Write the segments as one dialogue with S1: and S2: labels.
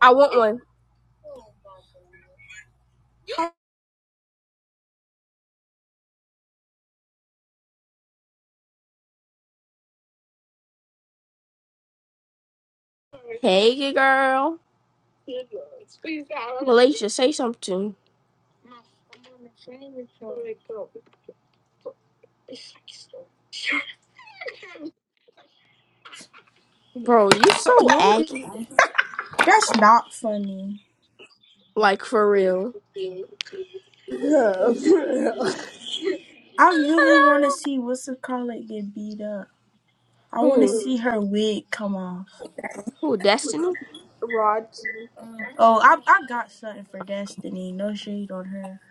S1: I want one. Hey, good girl. Malaysia, say something. Bro, you so
S2: Not
S1: aggy.
S2: that's not funny.
S1: Like, for real.
S2: I really want to see what's the collar get beat up. I want to
S1: Who?
S2: see her wig come off.
S1: Who, Destiny?
S3: Rod,
S2: Oh, I I got something for Destiny. No shade on her.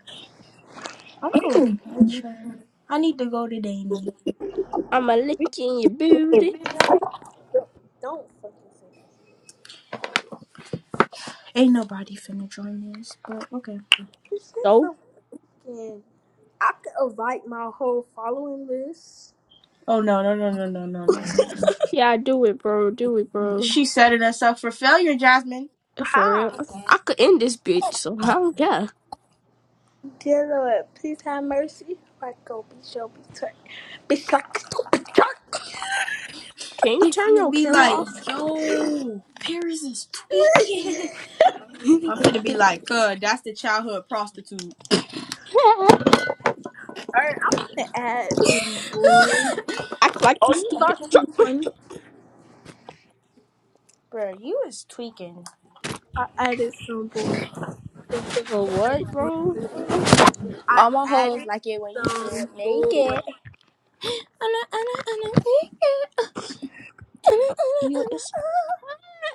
S2: I'm gonna catch her. I need to go to Danny.
S1: I'ma lick you in your booty.
S3: don't fucking say that.
S2: Ain't nobody finna join this, but okay.
S3: You
S1: So?
S3: said fucking. I could invite my whole following list.
S2: Oh no no no no no no no.
S1: Yeah, do it, bro. Do it, bro.
S2: She's setting us up for failure, Jasmine.
S1: For real.
S3: How?
S1: I could end this bitch, so I don't care.
S3: Dear Lord, please have mercy. Like go be show be turn. Be suck, be suck.
S1: Can you
S2: They
S1: turn
S2: finna
S1: your
S2: be
S1: camera
S2: like,
S1: off?
S2: yo, Paris is tweaking. I'm finna be like, cuz that's the childhood prostitute.
S3: Alright, I'm gonna add this boy.
S1: Act like
S3: Oh,
S1: you
S3: you
S1: stupid.
S3: thought you was funny?
S2: Bro, you was tweaking.
S3: I added some boy. Um,
S1: Bro, what, bro?
S3: I
S2: All my hoes
S3: added
S2: like it when you
S3: some
S2: strip naked.
S3: boy.
S2: Anna, anna, anna, naked. Anna,
S1: You
S2: anna,
S1: this?
S2: anna,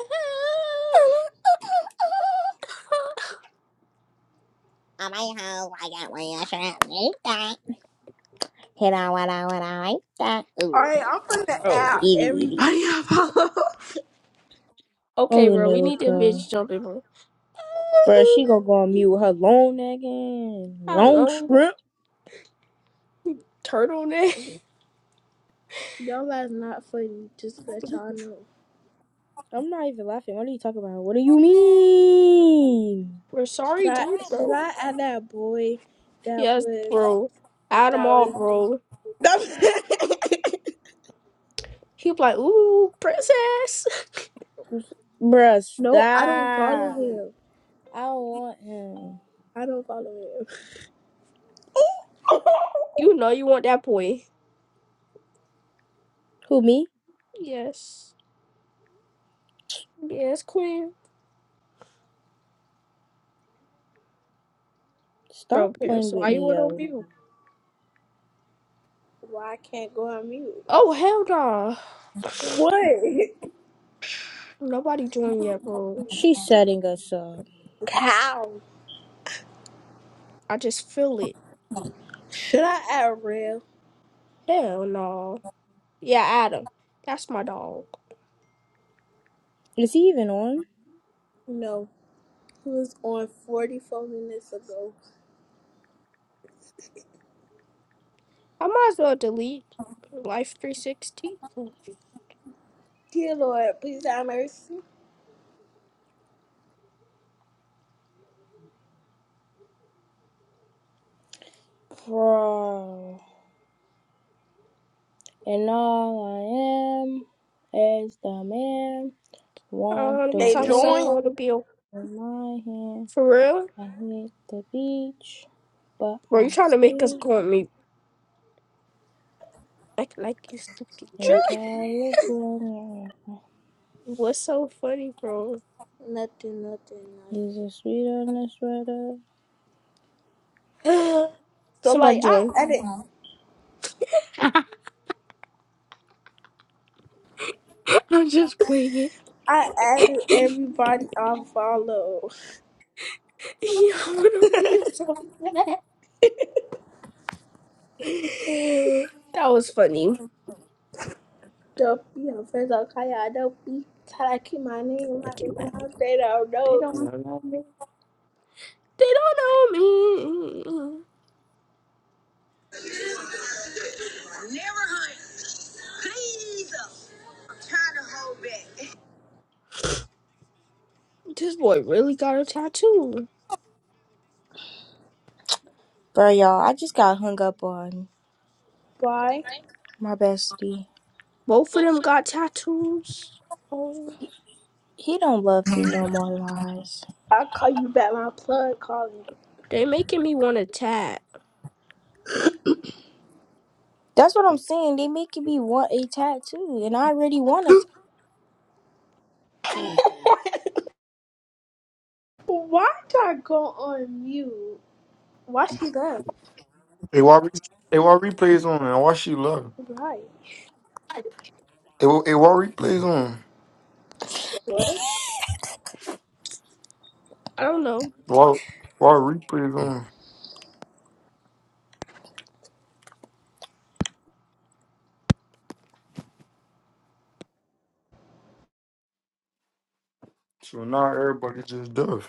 S2: anna, All my hoes like it when you strip naked. Hit on what I what I like that. Ooh,
S3: Alright, I'm gonna add
S2: Evie,
S3: everybody
S2: Evie.
S3: I follow.
S1: Okay,
S2: Oh
S1: bro, we
S2: no,
S1: need this
S2: girl.
S1: bitch jumping, bro.
S2: Bro, she gonna go on mute with her long neck and long
S1: Hello,
S2: strip.
S1: turtleneck.
S3: No, that's not funny. Just to let y'all know.
S2: I'm not even laughing. What are you talking about? What do you mean?
S1: We're
S3: Should
S1: sorry,
S3: I,
S1: dude,
S3: should
S1: bro.
S3: I add that boy that
S1: Yes,
S3: was
S1: bro. Adam all,
S3: that
S1: bro.
S3: was?
S1: He was like, ooh, princess.
S2: Bruh,
S3: no, I don't follow
S2: stop.
S3: him.
S2: I don't want him.
S3: I don't follow him.
S1: You know you want that boy.
S2: Who, me?
S1: Yes. Yes, queen.
S2: Stop
S1: Bro, Pierce,
S2: playing with
S1: why you
S2: me,
S1: want to
S2: yo.
S1: mute?
S3: Why I can't go on mute?
S1: Oh, hell no.
S3: What?
S1: Nobody joined yet, bro.
S2: She's setting us up.
S3: Cow.
S1: I just feel it.
S3: Should I add real?
S1: Hell no. Yeah, Adam. That's my dog.
S2: Is he even on?
S3: No. He was on 44 minutes ago.
S1: I might as well delete Life 360. I
S3: Dear Lord, please have mercy.
S2: Bro. And all I am is the man.
S1: don't
S2: Want
S1: want to
S2: the
S1: be
S3: They
S1: toxic. I
S3: joined.
S1: want
S2: world
S1: to be a-
S2: in my hand.
S1: for real.
S2: I hit the beach, but
S1: Bro, you
S2: I
S1: trying to make us
S2: still
S1: go on mute. Act like you stupid
S2: in
S1: jerk.
S2: California.
S1: What's so funny, bro?
S3: nothing, nothing, nothing.
S2: Is a sweet on the sweater.
S3: So
S1: Somebody
S3: like I
S1: join.
S3: edit.
S1: I'm just playing.
S3: I added
S1: yeah,
S3: everybody I follow.
S1: you am so bad. That was funny.
S3: Don't be her friends on Facebook. I Don't be trying to keep my name like it
S1: Fucking mad.
S3: sounds. They don't
S1: They
S3: know.
S1: don't
S3: Never
S1: know me. They don't know me.
S3: hunt. Please. I'm trying to hold back.
S1: This boy really got a tattoo.
S2: Bro, y'all, I just got hung up on
S3: Bye.
S2: my bestie.
S1: Both of them got tattoos. Oh,
S2: He don't love me no more lies.
S3: I'll call you back. My plug calling.
S1: they making me want to tat.
S2: That's what I'm saying. They make me want a tattoo, and I already want a
S1: I
S3: Why did I go on mute? Why she left?
S4: Hey, why, re- hey, why replays on and why she love?
S3: Right.
S4: Hey, why, hey, why replays on?
S3: What?
S1: don't know.
S4: Why, why replays on? So now everybody just does.